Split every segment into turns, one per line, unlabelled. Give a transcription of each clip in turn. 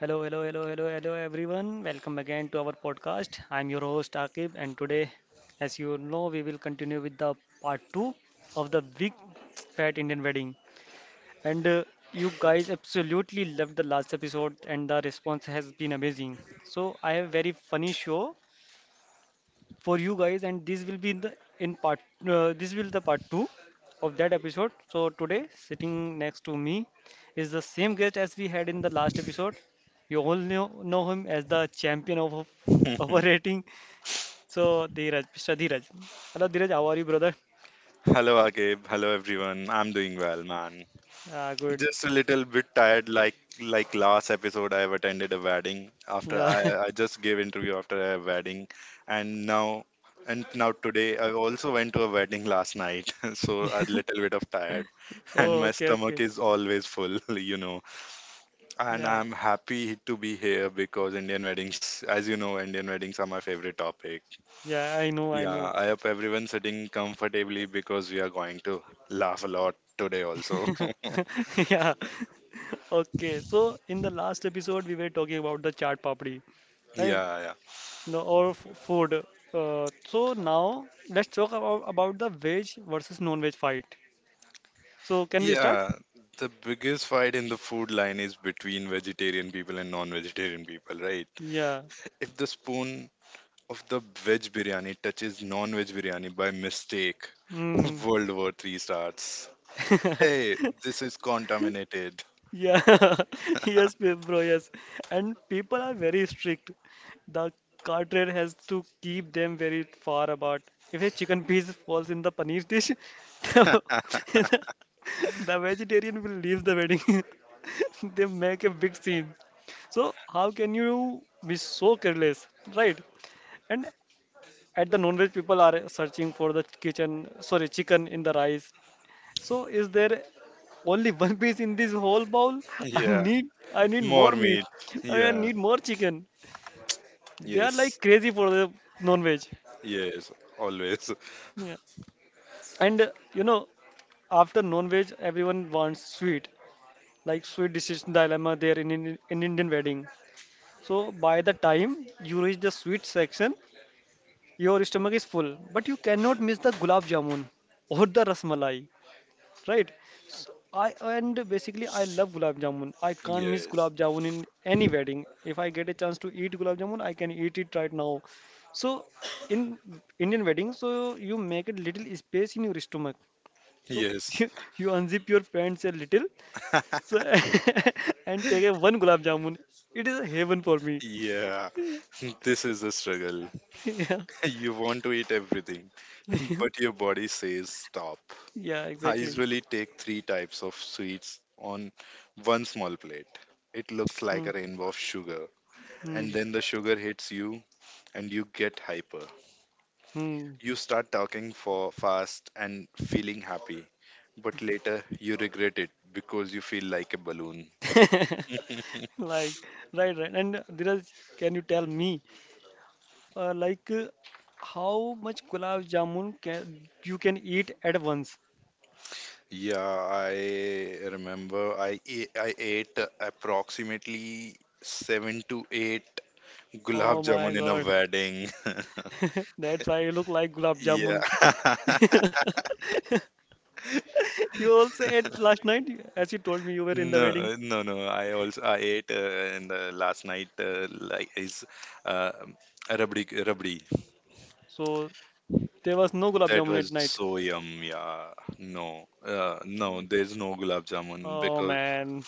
Hello, hello, hello, hello, hello, everyone. Welcome again to our podcast. I'm your host Akib, and today, as you know, we will continue with the part two of the big fat Indian wedding. And you guys absolutely loved the last episode, and the response has been amazing. So I have very funny show for you guys and this will be in part this will the part 2 of that episode. So today sitting next to me is the same guest as we had in the last episode. You all know him as the champion of operating. So Dheeraj, Mr. Dheeraj, hello Dheeraj, how are you brother?
Hello Akib, hello everyone. I'm doing well, man.
Ah, good.
Just a little bit tired, like last episode I've attended a wedding after
Yeah.
I I just gave interview after a wedding, and now today I also went to a wedding last night. So a little bit of tired,
oh,
and my
okay,
stomach
okay.
is always full. you know. And
Yeah,
I'm happy to be here because Indian weddings, as you know, Indian weddings are my favorite topic.
yeah, I know, I
Yeah,
know.
I hope everyone's sitting comfortably because we are going to laugh a lot today also.
yeah. okay, so in the last episode we were talking about the chaat papdi, right?
Yeah, yeah.
No, or f food. So now let's talk about the veg versus non-veg fight. So can we start?
Yeah, the biggest fight in the food line is between vegetarian people and non-vegetarian people, right?
Yeah.
If the spoon of the veg biryani touches non-veg biryani by mistake,
Mm.
World War Three starts. Hey, this is contaminated.
Yeah, yes, pe- bro, yes. And people are very strict. The carteret has to keep them very far apart. If a chicken piece falls in the paneer dish, the, the vegetarian will leave the wedding. They make a big scene. So how can you be so careless, right? And at the non-veg people are searching for the kitchen, sorry, chicken in the rice. So is there only one piece in this whole bowl? I
Yeah,
need I need
more
more meat.
meat.
I mean, I
Yeah,
need more chicken. They are like
yes,
crazy for the non-veg.
yes, always.
Yeah. And you know, after non-veg, everyone wants sweet, like sweet decision dilemma there in Indian wedding. So by the time you reach the sweet section, your stomach is full, but you cannot miss the gulab jamun or the rasmalai, right? So I and basically I love gulab jamun. I can't miss
Yes,
gulab jamun in any wedding. If I get a chance to eat gulab jamun, I can eat it right now. So in Indian wedding, so you make a little space in your stomach. So
yes.
you, you unzip your pants a little, so and take a one gulab jamun. It is a heaven for me.
Yeah, this is a struggle.
Yeah,
You want to eat everything, but your body says stop.
yeah,
I
exactly.
usually take three types of sweets on one small plate. It looks like
Hmm,
a rainbow of sugar,
hmm,
and then the sugar hits you, and you get hyper.
hmm.
You start talking for fast and feeling happy, but later you regret it because you feel like a balloon.
Like right, right. And Dhiraj, can you tell me? Like how much gulab jamun can you can eat at once?
Yeah, I remember I ate approximately seven to eight
Oh
gulab
my
jamun in a
God,
wedding.
that's why you look like gulab
Yeah.
jamun. You also ate last night, as you told me you were in the
No,
wedding,
no, no. I also I ate in the last night, like, is uh, rabdi.
so there was no gulab
That
jamun
was
at night.
so yum. Yeah. No, no. There's no gulab jamun
Oh
because
man.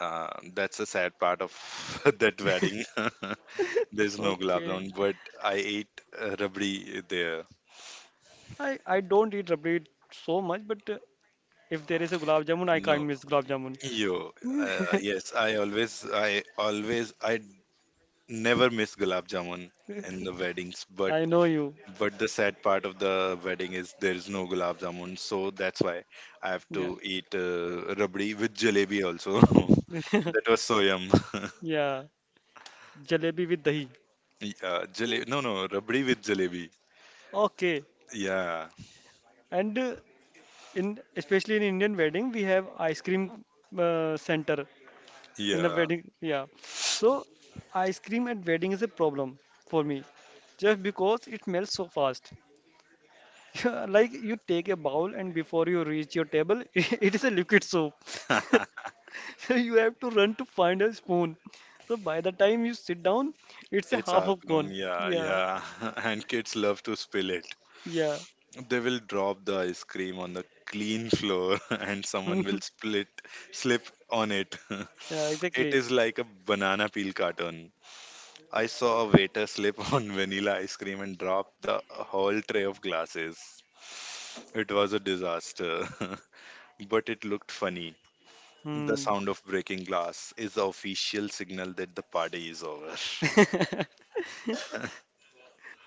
uh, that's the sad part of that wedding. There's no gulab
Okay.
jamun, but I ate rabdi there.
I don't eat rabdi so much, but if there is a gulab jamun, I
No,
can't miss gulab jamun.
yo, yes, I never miss gulab jamun in the weddings. But
I know you.
but the sad part of the wedding is there is no gulab jamun, so that's why I have to
Yeah.
eat rabdi with jalebi also. That was so yum.
Yeah. Jalebi with dahi.
Yeah, jale no, no, rabdi with jalebi.
Okay,
Yeah,
and in especially in Indian wedding, we have ice cream center in the
yeah,
wedding. Yeah, so ice cream at wedding is a problem for me, just because it melts so fast. Yeah, like you take a bowl and before you reach your table, it is a liquid soap. So you have to run to find a spoon. So by the time you sit down, it's a
it's
half
half
of
grown.
gone.
Yeah,
Yeah,
yeah, and kids love to spill it.
yeah,
They will drop the ice cream on the clean floor, and someone will split slip on it.
yeah,
It
exactly.
is like a banana peel carton. I saw a waiter slip on vanilla ice cream and drop the whole tray of glasses. It was a disaster, but it looked funny. The
Hmm.
sound of breaking glass is the official signal that the party is over.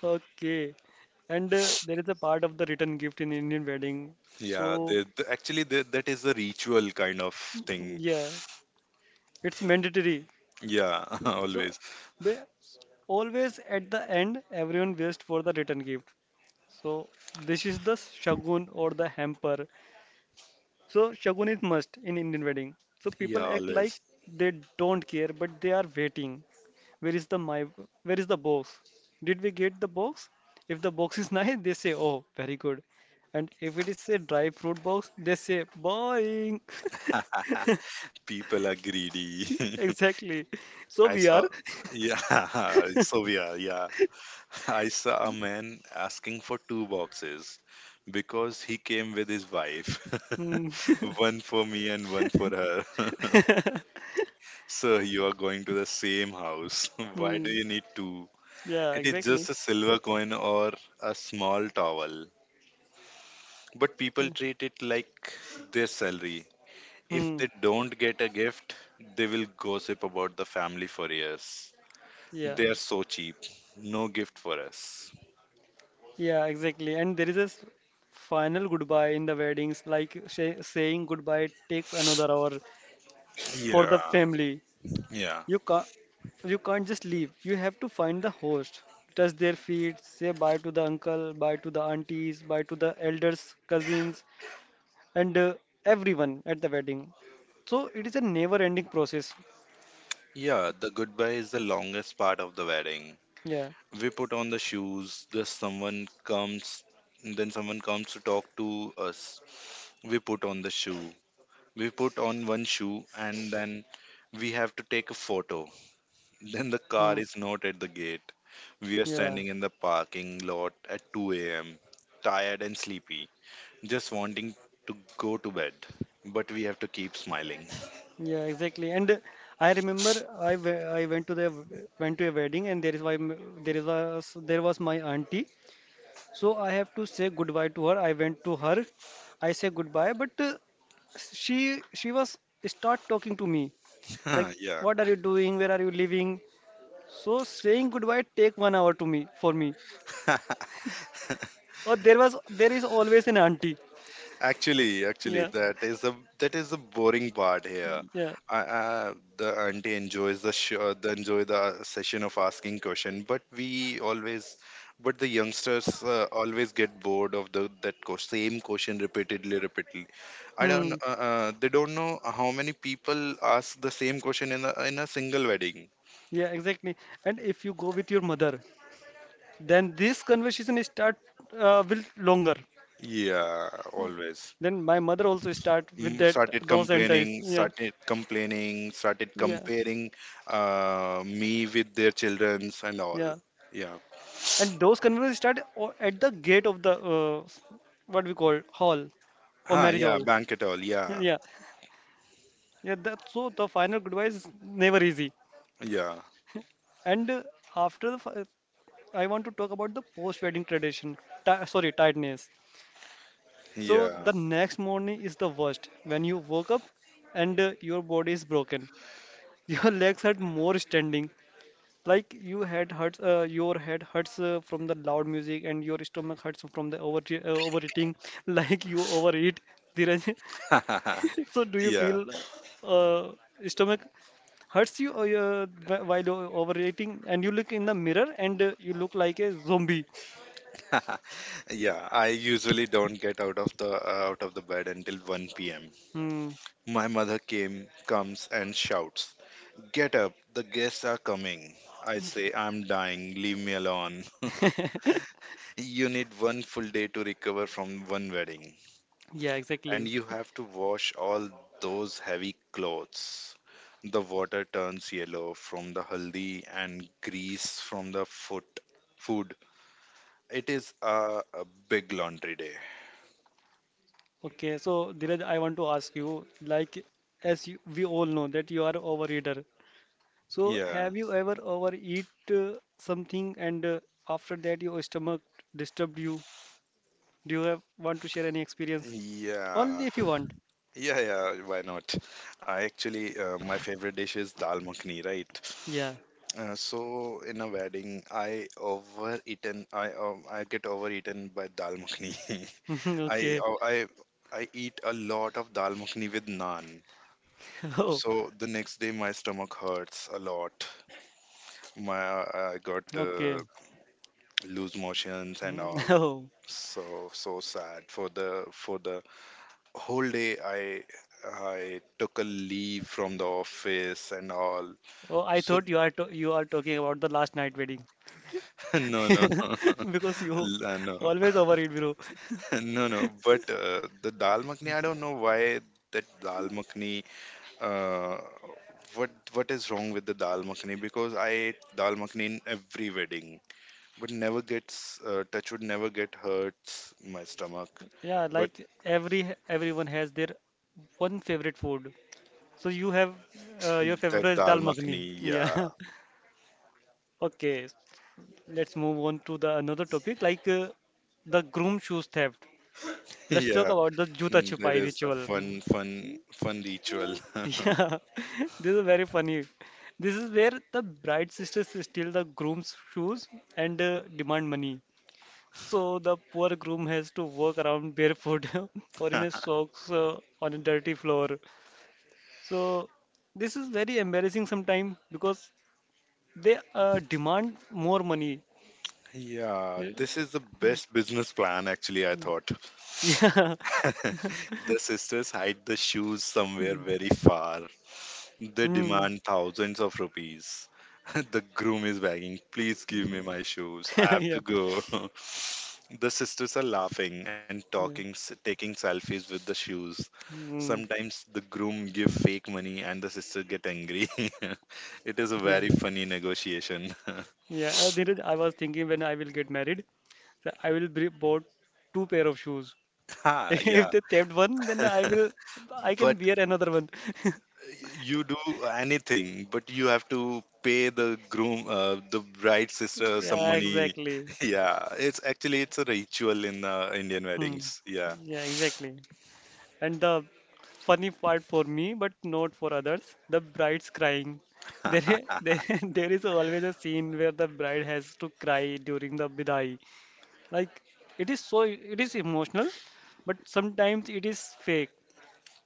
Okay. And there is a part of the return gift in Indian wedding.
Yeah,
So,
actually, that is a ritual kind of thing.
yeah, it's mandatory.
Yeah,
So,
always.
they always at the end, everyone waits for the return gift. So, this is the shagun or the hamper. So, shagun is must in Indian wedding. So,
Yeah,
people act like
always.
they don't care, but they are waiting. Where is the my where is the box? Did we get the box? If the box is nice, they say, oh, very good. And if it is a dry fruit box, they say boring.
People are greedy.
Exactly. So
I
we are.
saw, yeah, so we are, yeah. I saw a man asking for two boxes because he came with his wife,
Hmm.
one for me and one for her. Sir, you are going to the same house. Why
Hmm.
do you need two?
Yeah,
It is
exactly.
just a silver coin or a small towel. But people treat it like their salary. If
Hmm.
they don't get a gift, they will gossip about the family for years.
Yeah.
They're so cheap. No gift for us.
Yeah, exactly. And there is a s- final goodbye in the weddings, like sh saying goodbye takes another hour for the
Yeah,
family.
yeah.
You can't, you can't just leave. You have to find the host, touch their feet, say bye to the uncle, bye to the aunties, bye to the elders, cousins, and everyone at the wedding. So it is a never-ending process.
Yeah, the goodbye is the longest part of the wedding.
Yeah.
We put on the shoes, then someone comes to talk to us. We put on the shoe. We put on one shoe, and then we have to take a photo. Then the
Hmm.
car is not at the gate. We are
Yeah.
standing in the parking lot at 2 a.m., tired and sleepy, just wanting to go to bed, but we have to keep smiling.
Yeah, exactly. And I remember I, we- I went to the went to a wedding and there is why m- there is was there was my auntie. So I have to say goodbye to her. I went to her. I say goodbye, but she was start talking to me
Huh,
like,
yeah,
what are you doing? Where are you living? So saying goodbye take 1 hour to me for me. Or there is always an auntie.
actually,
Yeah,
that is the boring part here.
yeah,
The auntie enjoys the show, the enjoy the session of asking question, but the youngsters always get bored of the same question, repeatedly, repeatedly. I don't,
hmm,
They don't know how many people ask the same question in a single wedding.
yeah, exactly. And if you go with your mother, then this conversation start will longer.
Yeah, always.
Then my mother also start with
Mm,
that
started
those entities.
complaining,
Yeah,
started complaining, started
yeah,
comparing me with their childrens and all.
yeah.
Yeah.
And those conferences start o- at the gate of the what we call hall or
Ah,
marriage
yeah,
hall.
bank at all. Yeah,
Yeah, yeah. That, so the final goodbye is never easy.
yeah,
And after the, fi- I want to talk about the post-wedding tradition. Ti sorry, tiredness. So
yeah,
the next morning is the worst when you woke up and your body is broken. Your legs hurt more standing. Like you had hurts, your head hurts from the loud music, and your stomach hurts from the over overeating. Like you overeat, Dheeraj. So do you
yeah,
feel uh, stomach hurts you or, wh- while o- overeating, and you look in the mirror and you look like a zombie?
yeah. I usually don't get out of the bed until 1 p.m.
Hmm.
My mother comes and shouts, "Get up! The guests are coming." I say, "I'm dying. Leave me alone." You need one full day to recover from one wedding,
Yeah,
and
exactly.
you have to wash all those heavy clothes. The water turns yellow from the haldi and grease from the foot food. It is a big laundry day.
Okay, so Dheeraj, I want to ask you, like, as you, we all know that you are overeater. So,
Yeah,
have you ever overeat uh, something and after that your stomach disturbed you? Do you have want to share any experience? Only
yeah,
if you want.
yeah, yeah. Why not? I actually my favorite dish is dal makhni, right?
Yeah.
So in a wedding, I overeaten. I get overeaten by dal makhni. I
Okay.
oh, I eat a lot of dal makhani with naan.
Oh,
So the next day my stomach hurts a lot. My I got
okay.
loose motions and
Mm,
all.
oh.
So sad. For the whole day, I took a leave from the office and all.
Oh, I
So
thought you are to you are talking about the last night wedding
no, no,
because you
no, no,
always overeat, bro.
no, no. But the dal makhani, I don't know why that dal makhani, uh, what is wrong with the dal makhani? Because I ate dal makhani in every wedding, but never gets touch wood, never get hurts my stomach.
Yeah,
But
like every everyone has their one favorite food. So you have your favorite
that
is
dal
dal makhani.
makhani, yeah.
Yeah. Okay. Let's move on to the another topic like the groom shoes theft. Let's talk
Yeah,
about the Juta
mm, that
Chupai
is a
ritual.
fun, fun, fun ritual.
Yeah, this is very funny. This is where the bride sisters steal the groom's shoes and demand money. So the poor groom has to walk around barefoot or in his socks on a dirty floor. So this is very embarrassing sometimes because they demand more money.
Yeah, this is the best business plan, actually, I thought.
Yeah.
The sisters hide the shoes somewhere very far. They
Hmm.
demand thousands of rupees. The groom is begging, please give me my shoes. I have
Yeah.
to go. The sisters are laughing and talking,
Yeah.
taking selfies with the shoes.
Mm.
Sometimes the groom give fake money and the sister get angry. It is a
Yeah.
very funny negotiation.
Yeah. Dheeraj, I was thinking when I will get married, so I will bri- bought two pair of shoes.
Ah,
If
yeah.
they theft one, then I will I
But
can wear another one.
you do anything, but you have to pay the bride sister some
Yeah,
money.
exactly.
Yeah, it's actually it's a ritual in Indian
Hmm.
weddings. Yeah.
Yeah, exactly. And the funny part for me, but not for others, the bride's crying. There, I- there is always a scene where the bride has to cry during the bidai. Like it is so it is emotional, but sometimes it is fake.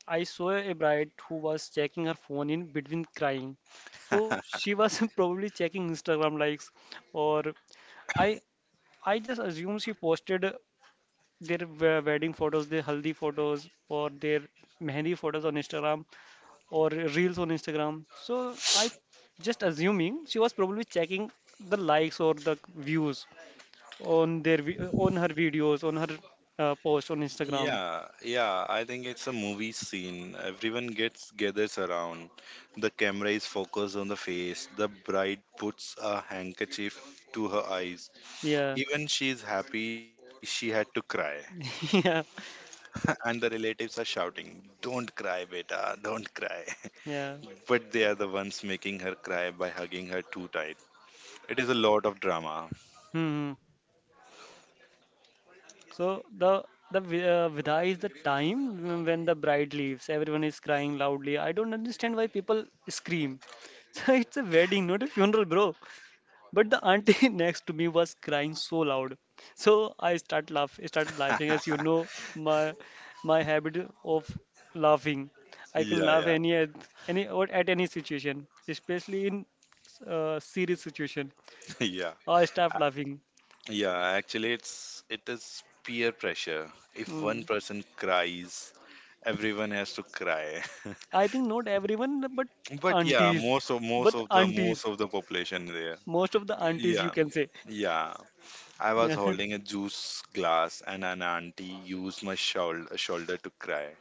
I saw a bride who was checking her phone in between crying. So she was probably checking Instagram likes or I I just assume she posted their we- wedding photos, their haldi photos or their mehndi photos on Instagram or reels on Instagram. So I just assuming she was probably checking the likes or the views on their vi- on her videos, on her post on Instagram.
Yeah, yeah, I think it's a movie scene. Everyone gets gathers around. The camera is focused on the face. The bride puts a handkerchief to her eyes.
Yeah,
Even she's happy, she had to cry.
yeah,
And the relatives are shouting, "Don't cry, beta, don't cry."
yeah.
But they are the ones making her cry by hugging her too tight. It is a lot of drama.
Hmm. So the vi- vidai is the time when the bride leaves. Everyone is crying loudly. I don't understand why people scream. So it's a wedding, not a funeral, bro. But the auntie next to me was crying so loud. So I start laugh, started laughing. As you know, my my habit of laughing. I can
Yeah,
laugh
yeah,
any at any or at any situation, especially in serious situation.
yeah.
I start
A-
laughing.
Yeah, actually, it is peer pressure. If one
Mm.
person cries, everyone has to cry.
I think not everyone,
But yeah,
aunties,
most of most
but
of the most
aunties,
of the population there.
most of the aunties you
Yeah.
can say.
Yeah, I was
Yeah.
holding a juice glass, and an auntie used my shoulder to cry.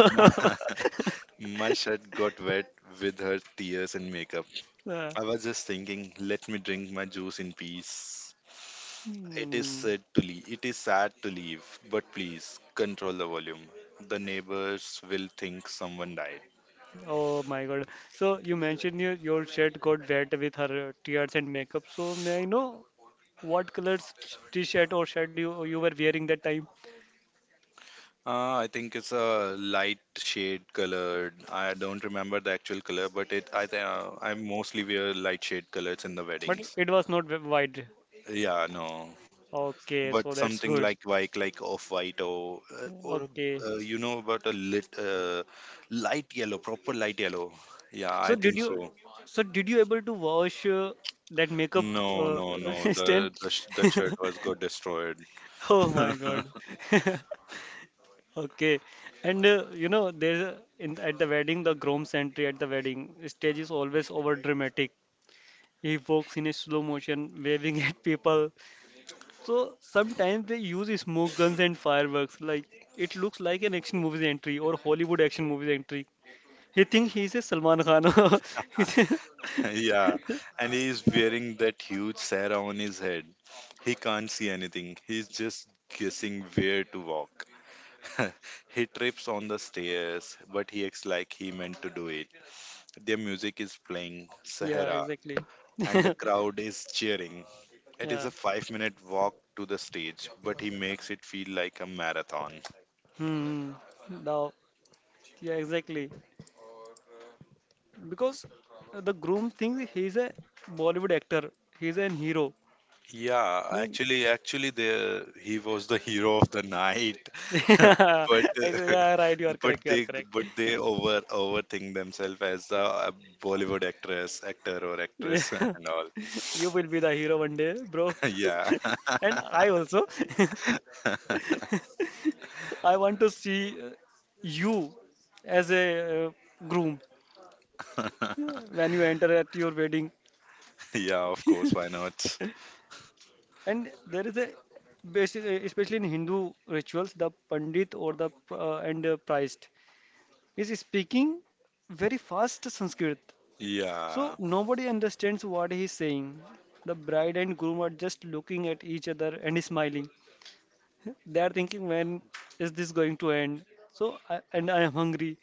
My, my shirt got wet with her tears and makeup.
Yeah.
I was just thinking, let me drink my juice in peace. It is
Hmm.
sad to leave. It is sad to leave, but please control the volume. The neighbors will think someone died.
Oh my God. So you mentioned your shirt got wet with her tears and makeup. So may I know what colors t-shirt or shirt you you were wearing that time?
I think it's a light shade colored. I don't remember the actual color, but it. I think I mostly wear light shade colors in the
But
weddings.
it was not w- wide.
Yeah, no.
Okay,
But
so that's
something
good.
like white, like off-white, or
Okay.
about a lit light yellow. Proper light yellow. Yeah,
So
I
did
think
you
so.
so did you able to wash that makeup
No,
uh,
no, no,
stain?
the shirt was got destroyed.
Oh my God. Okay, and you know, there in at the wedding, the groom sentry at the wedding stage is always over dramatic. He walks in a slow motion, waving at people. So sometimes they use smoke guns and fireworks. Like it looks like an action movie entry or Hollywood action movie entry. He thinks he's a Salman Khan. He's a-
Yeah, and he's wearing that huge Sarah on his head. He can't see anything. He's just guessing where to walk. He trips on the stairs, but he acts like he meant to do it. Their music is playing
yeah,
sahara,
exactly.
and the crowd is cheering. It is
yeah.
a 5-minute walk to the stage, but he makes it feel like a marathon.
Hmm. Now, yeah, exactly. Because the groom thinks he's a Bollywood actor. He's a hero.
Yeah,
No.
actually, there he was the hero of the night. but
Yeah, right. You are correct.
but
You are
they
correct.
but they overthink themselves as a Bollywood actor or
Yeah.
actress and all.
You will be the hero one day, bro.
Yeah,
And I also. I want to see you as a groom when you enter at your wedding.
yeah, of course, why not?
And there is a basically, especially in Hindu rituals, the pandit or the and priest is speaking very fast Sanskrit. So
Yeah,
nobody understands what he's saying. The bride and groom are just looking at each other and smiling. They are thinking, when is this going to end? So, and I am hungry.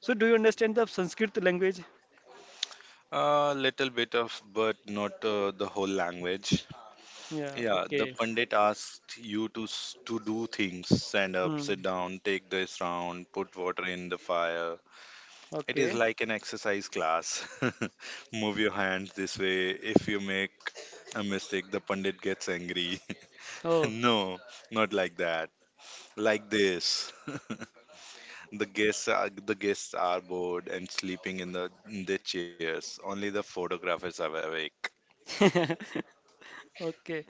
So, do you understand the Sanskrit language?
a little bit of, but not the whole language.
Yeah,
Yeah, the
okay.
pundit asked you to to do things: stand up, sit
Hmm.
down, take this round, put water in the fire. It is
Okay.
like an exercise class. Move your hands this way. If you make a mistake, the pundit gets angry.
Oh.
No, not like that. Like this. The guests are bored and sleeping in their chairs. Only the photographers are awake.
Okay.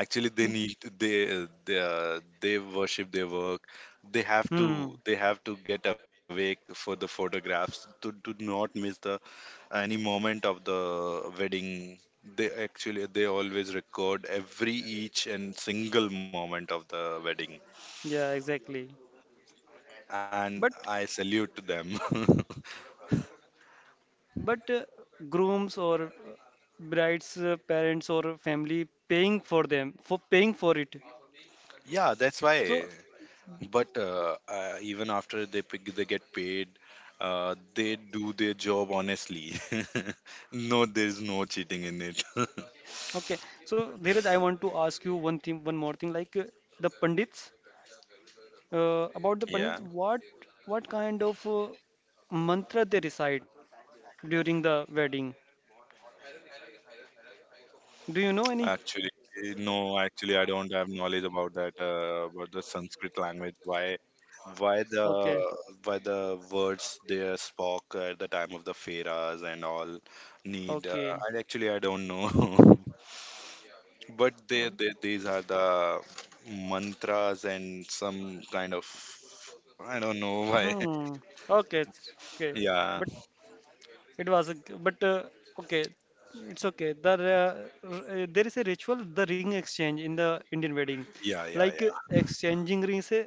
Actually they need they worship their work. they have to
Hmm.
they have to get awake for the photographs to not miss the any moment of the wedding. They always record every each and single moment of the wedding,
Yeah, exactly.
and
But
I salute them.
but grooms or bride's parents or family paying for them for paying for it.
Yeah, that's why.
So
But even after they pick, they get paid. They do their job honestly. No, there's no cheating in it.
okay. So Dheeraj, I want to ask you one thing, one more thing. Like the pandits, uh, about the
Yeah,
Pandits, what kind of mantra they recite during the wedding? Do you know any?
actually. No actually I don't have knowledge about that, about the Sanskrit language. why why the
Okay,
why the words they are spoke at the time of the feras and all need
okay,
I actually I don't know. But they,
o-
they, these are the mantras and some kind of I don't know why.
hmm, okay, it's okay.
Yeah,
But it was a g- but okay, it's okay. The r- there is a ritual, the ring exchange in the Indian wedding,
yeah, yeah,
like
yeah.
exchanging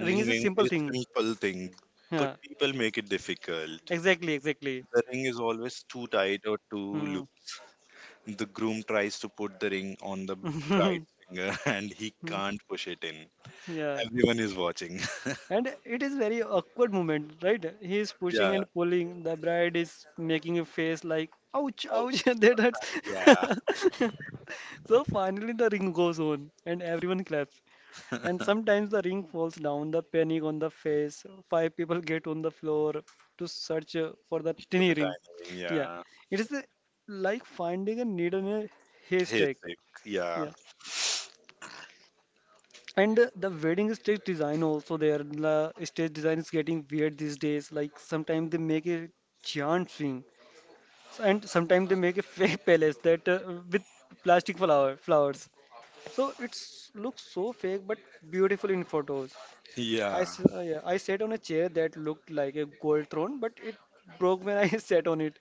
ring is a
ring
simple
is
thing.
simple thing, but
Yeah,
people make it difficult.
exactly, exactly.
The ring is always too tight or too
Hmm.
loose. The groom tries to put the ring on the bride's finger and he can't push it in.
Yeah.
Everyone is watching.
And it is very awkward moment, right? He is pushing
Yeah.
and pulling. The bride is making a face like, ouch,
Out.
ouch, that
Yeah.
hurts. So finally the ring goes on and everyone claps. And
For
sometimes the ring falls down, the panic on the face. Five people get on the floor to search for the tiny
the diamond
ring.
ring.
Yeah.
Yeah.
It is like finding a needle in a
He's
haystack.
sick. Yeah.
Yeah. And the wedding stage design also there. The stage design is getting weird these days. Like sometimes they make a giant swing, s- and sometimes they make a fake palace that with plastic flowers. So it's looks so fake but beautiful in photos. I
Yeah.
s- yeah, I sat on a chair that looked like a gold throne, but it broke when I sat on it.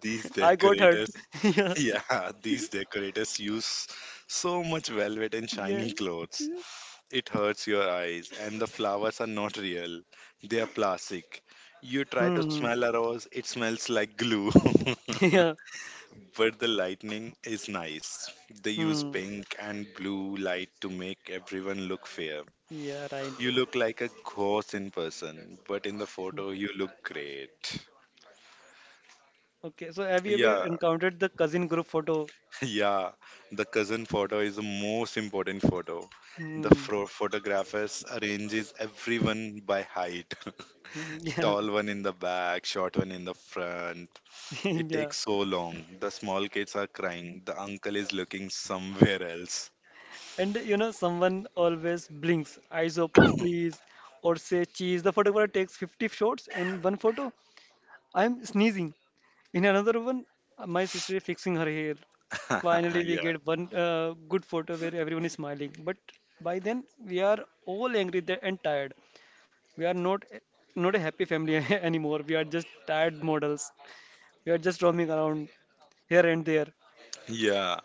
These
I got hurt.
decorators,
yeah,
yeah, these decorators use so much velvet and
yeah.
shiny clothes. It hurts your eyes, and the flowers are not real, they are plastic. You try to
Hmm.
smell a rose, it smells like glue.
Yeah.
But the lightning is nice. They use
Hmm.
pink and blue light to make everyone look fair.
Yeah. Right.
You look like a ghost in person, but in the photo, you look great.
Okay, so have you ever
Yeah,
encountered the cousin group photo?
yeah, the cousin photo is the most important photo. The
Hmm.
fro- photographers arranges everyone by height.
Hmm, yeah,
Tall one in the back, short one in the front. It
yeah.
takes so long. The small kids are crying. The uncle is looking somewhere else.
And you know, someone always blinks, eyes open, please, or say cheese. The photographer takes 50 shots in one photo. I'm sneezing. In another one, my sister is fixing her hair. Finally, we
Yeah.
get one good photo where everyone is smiling. But by then, we are all angry there and tired. We are not a happy family anymore. We are just tired models. We are just roaming around here and there.
Yeah.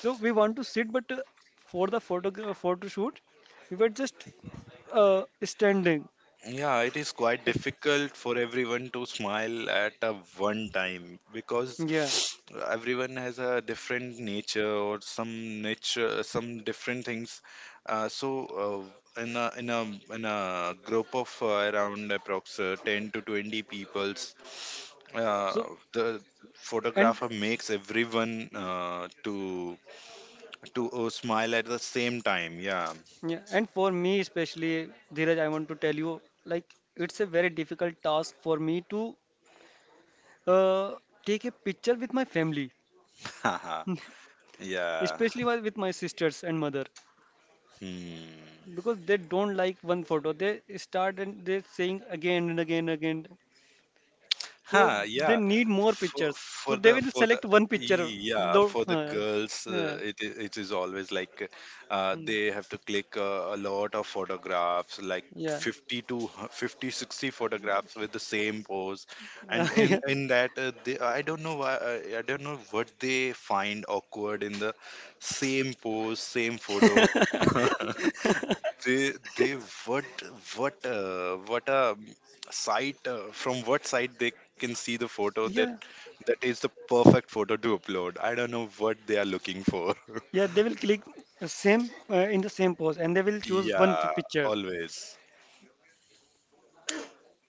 So we want to sit, but for the photo shoot, we were just standing.
Yeah, it is quite
At,
difficult for everyone to smile at a one time because
yeah.
everyone has a different nature or some nature, some different things. So uh, in a in a in a group of around approx 10 to 20 peoples, uh,
So
the
and
photographer makes everyone to smile at the same time. Yeah.
yeah, and for me especially, Dheeraj, I want to tell you, like it's a very difficult task for me to uh, take a picture with my family,
Yeah.
especially wi- with my sisters and mother,
Hmm.
because they don't like one photo. They start and they saying again and again and again. So
Huh,
they
yeah.
need more
For,
pictures.
for
So they
the
will
for the
select one picture.
e-, yeah
Though,
for the girls,
yeah,
it it is always like,
mm,
they have to click a lot of photographs like
yeah,
50 60 photographs with the same pose, and in
yeah,
that, they, I don't know why I don't know what they find awkward in the same pose same photo. They what what a site, from what site they can see the photo that
yeah,
is the perfect photo to upload, I don't know what they are looking for.
yeah. They will click same in the same pose, and they will choose one pi-
Yeah,
picture.
always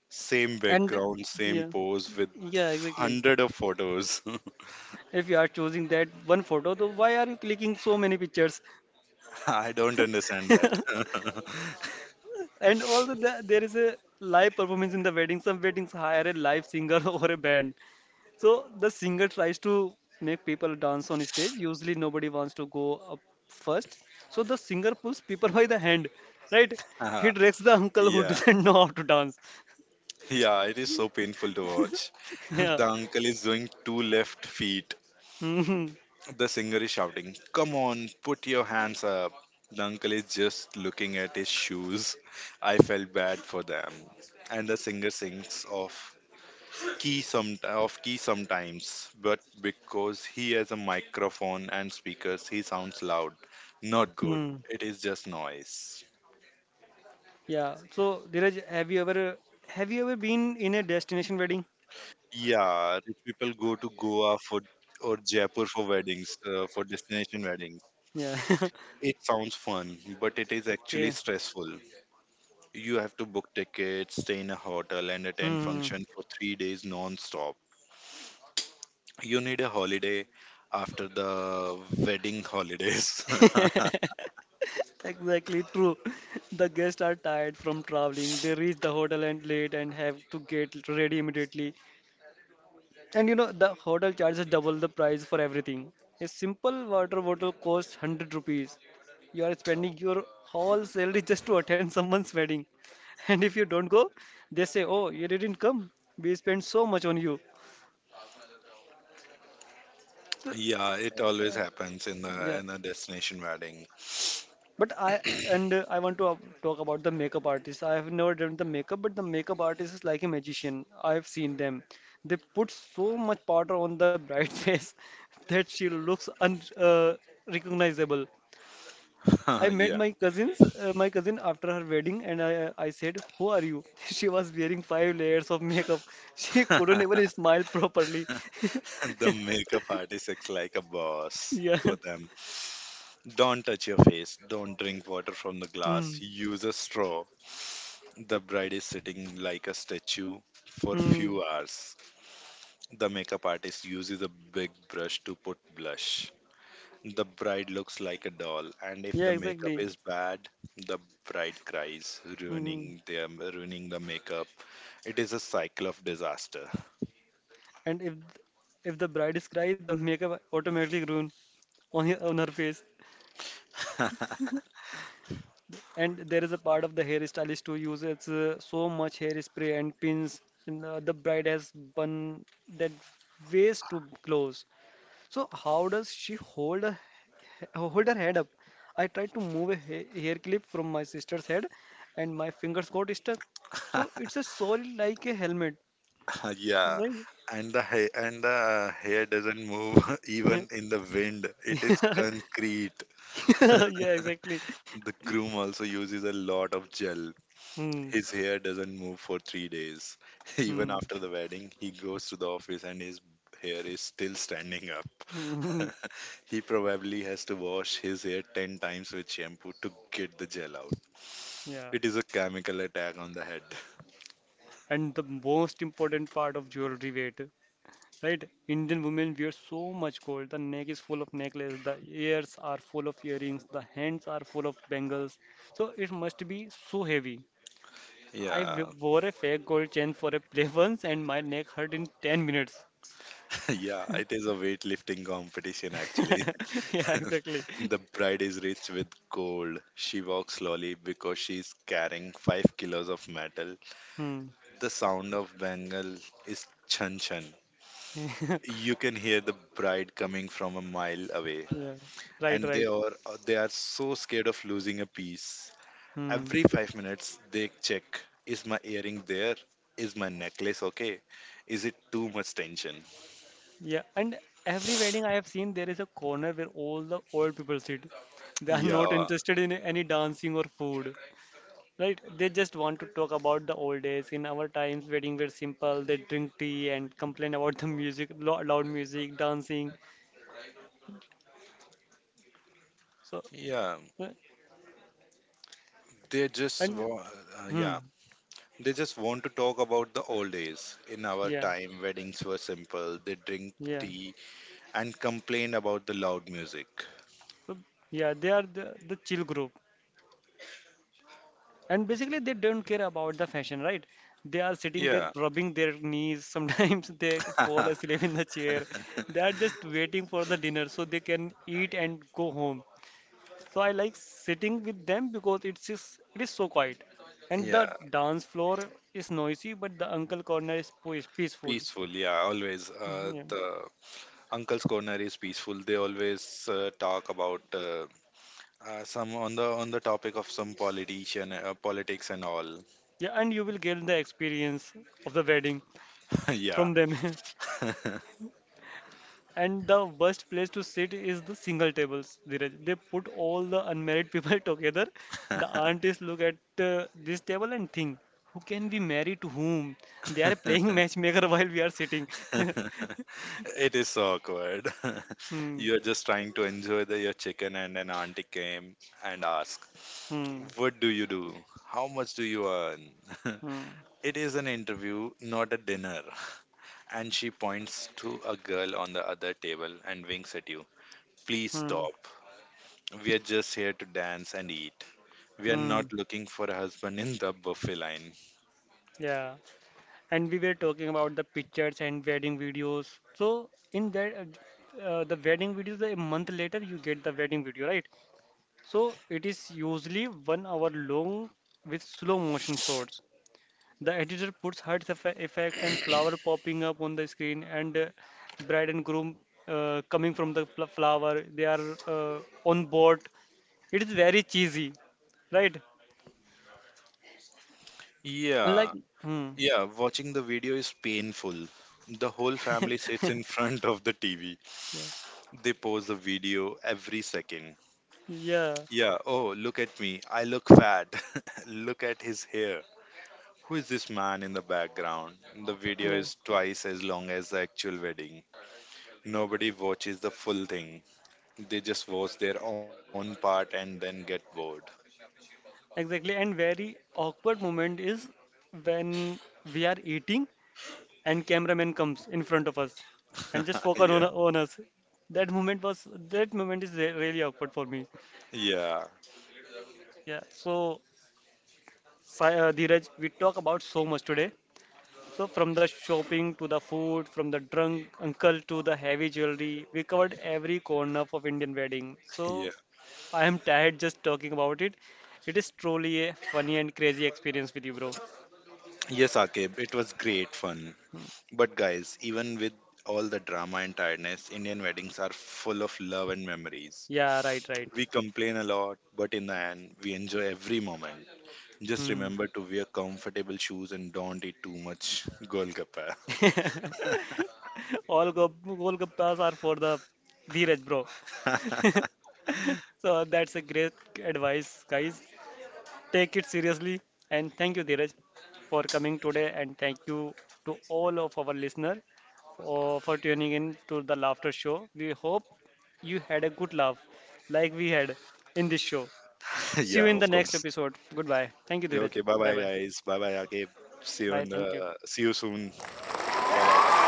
same
And
background same
yeah,
pose with
yeah, exactly.
100 of photos.
If you are choosing that one photo, so why are you clicking so many pictures?
I don't understand that.
And also, the, there is a live performance in the wedding. Some weddings hire a live singer or a band. So the singer tries to make people dance on stage. Usually nobody wants to go up first. So the singer pulls people by the hand, right? He
Ah,
directs the uncle who
yeah,
doesn't know how to dance.
yeah, it is so painful to watch.
Yeah.
The uncle is doing two left feet.
Hmm.
The singer is shouting, "Come on, put your hands up." The uncle is just looking at his shoes. I felt bad for them. And the singer sings of key some of key sometimes, but because he has a microphone and speakers, he sounds loud. Not good.
Hmm.
It is just noise.
Yeah. So Dheeraj, have you ever been in a destination wedding?
Yeah, rich people go to Goa for or Jaipur for weddings, for destination weddings.
Yeah.
It sounds fun, but it is actually
Okay.
stressful. You have to book tickets, stay in a hotel, and attend
Hmm.
function for 3 days non-stop. You need a holiday after the wedding holidays.
Exactly true. The guests are tired from traveling. They reach the hotel and late and have to get ready immediately. And you know, the hotel charges double the price for everything. A simple water bottle costs 100 rupees. You are spending your whole salary just to attend someone's wedding. And if you don't go, they say, oh, you didn't come. We spent so much on you. Th-
Yeah, it always happens in a
yeah.
in a destination wedding.
But I and I want to talk about the makeup artist. I have never done the makeup, but the makeup artist is like a magician. I have seen them. They put so much powder on the bride's face that she looks un recognizable. I met
Yeah.
my cousins, my cousin after her wedding, and I said, "Who are you?" She was wearing five layers of makeup. She couldn't even smile properly.
The makeup artist acts like a boss
Yeah.
for them. Don't touch your face. Don't drink water from the glass.
Hmm.
Use a straw. The bride is sitting like a statue for
Hmm.
few hours. The makeup artist uses a big brush to put blush. The bride looks like a doll, and if
Yeah,
the makeup
exactly.
is bad, the bride cries,
Hmm.
ruining the makeup. It is a cycle of disaster.
And if the bride is crying, the makeup automatically ruin on her face. And there is a part of the hairstylist who uses so much hairspray and pins. And, the bride has bun that waist too close. So how does she hold her, he- hold her head up? I tried to move a ha- hair clip from my sister's head, and my fingers got stuck. So it's a soul like a helmet,
Yeah,
right?
and the hair doesn't move
Yeah,
even in the wind. It is concrete.
yeah, exactly.
The groom also uses a lot of gel.
Hmm.
His hair doesn't move for 3 days. Even
Hmm.
after the wedding, he goes to the office and his hair is still standing up. He probably has to wash his hair 10 times with shampoo to get the gel out.
Yeah.
It is a chemical attack on the head.
And the most important part of jewelry weight, right? Indian women wear so much gold. The neck is full of necklace, the ears are full of earrings, the hands are full of bangles. So it must be so heavy. I w-
Yeah,
wore a fake gold chain for a play once and my neck hurt in 10 minutes.
yeah, it is a weightlifting competition actually.
Yeah, exactly.
The bride is rich with gold. She walks slowly because she's carrying 5 kilos of metal.
Hmm.
The sound of bangle is chan chan. You can hear the bride coming from a mile away,
Yeah. Right,
and they
right.
are they are so scared of losing a piece.
Hmm.
Every 5 minutes, they check: Is my earring there? Is my necklace okay? Is it too much tension?
Yeah. And every wedding I have seen, there is a corner where all the old people sit. They are not
Yeah,
interested in any dancing or food. Right? They just want to talk about the old days. In our times, wedding were simple. They drink tea and complain about the music, lo- loud music, dancing. So,
yeah.
uh,
They just
and
wa-
hmm.
yeah. They just want to talk about the old days. In our
Yeah.
time, weddings were simple. They drink
Yeah.
tea and complain about the loud music.
Uh, yeah, they are the chill group. And basically, they don't care about the fashion, right? They are sitting there
Yeah.
rubbing their knees. Sometimes they fall asleep in the chair. They are just waiting for the dinner so they can eat and go home. So I like sitting with them because it's just, it is so quiet. And
Yeah,
the dance floor is noisy, but the uncle corner is po- is peaceful.
peaceful, yeah, always,
Mhm, yeah.
the Uncle's Corner is peaceful. They always talk about some on the topic of some politician, politics and all.
Yeah, and you will get the experience of the wedding
Yeah,
from them. And the worst place to sit is the single tables, Dheeraj. They put all the unmarried people together. The aunties look at this table and think, who can be married to whom? They are playing matchmaker while we are sitting.
it is so awkward.
Hmm,
You are just trying to enjoy your chicken, and an auntie came and asked,
hmm,
"What do you do? How much do you earn?"
hmm,
It is an interview, not a dinner. And she points to a girl on the other table and winks at you. Please
hmm,
stop. We are just here to dance and eat. We are
hmm.
not looking for a husband in the buffet line.
Yeah. And we were talking about the pictures and wedding videos. So in that, the wedding videos, a month later you get the wedding video, right? So it is usually one hour long with slow motion shots. The editor puts heart eff- effects and flower popping up on the screen and bride and groom coming from the fl- flower. They are on board. It is very cheesy, right? Like,
Yeah,
hmm.
yeah, watching the video is painful. The whole family sits in front of the TV.
Yeah.
They pause the video every second.
Yeah.
Yeah, oh, look at me. I look fat. Look at his hair. Who is this man in the background? The video
Yeah.
is twice as long as the actual wedding. Nobody watches the full thing. They just watch their own part and then get bored.
Exactly. And very awkward moment is when we are eating and cameraman comes in front of us and just focus
Yeah.
on us that moment was that moment is re- really awkward for me.
Yeah,
Yeah, so Sai- Dheeraj, we talk about so much today, so from the shopping to the food, from the drunk uncle to the heavy jewelry, we covered every corner of Indian wedding.
yeah.
So I am tired just talking about it. It is truly a funny and crazy experience with you, bro.
Yes, Akib, it was great fun.
Hmm.
But guys, even with all the drama and tiredness, Indian weddings are full of love and memories.
Yeah, right, right.
We complain a lot, but in the end, we enjoy every moment. Just
Hmm.
remember to wear comfortable shoes and don't eat too much golgappa.
All goalgappas are for the Dheeraj, bro. So that's a great advice, guys. Take it seriously. And thank you, Dheeraj, for coming today. And thank you to all of our listeners for tuning in to the Laughter Show. We hope you had a good laugh like we had in this show.
Yeah,
See you in
of
the next
course.
episode. Goodbye. Thank you, Dheeraj.
Okay, bye
Bye
bye
bye.
guys. Bye bye Akib. See you in
Bye. Thank
the
you.
see you soon. Bye bye.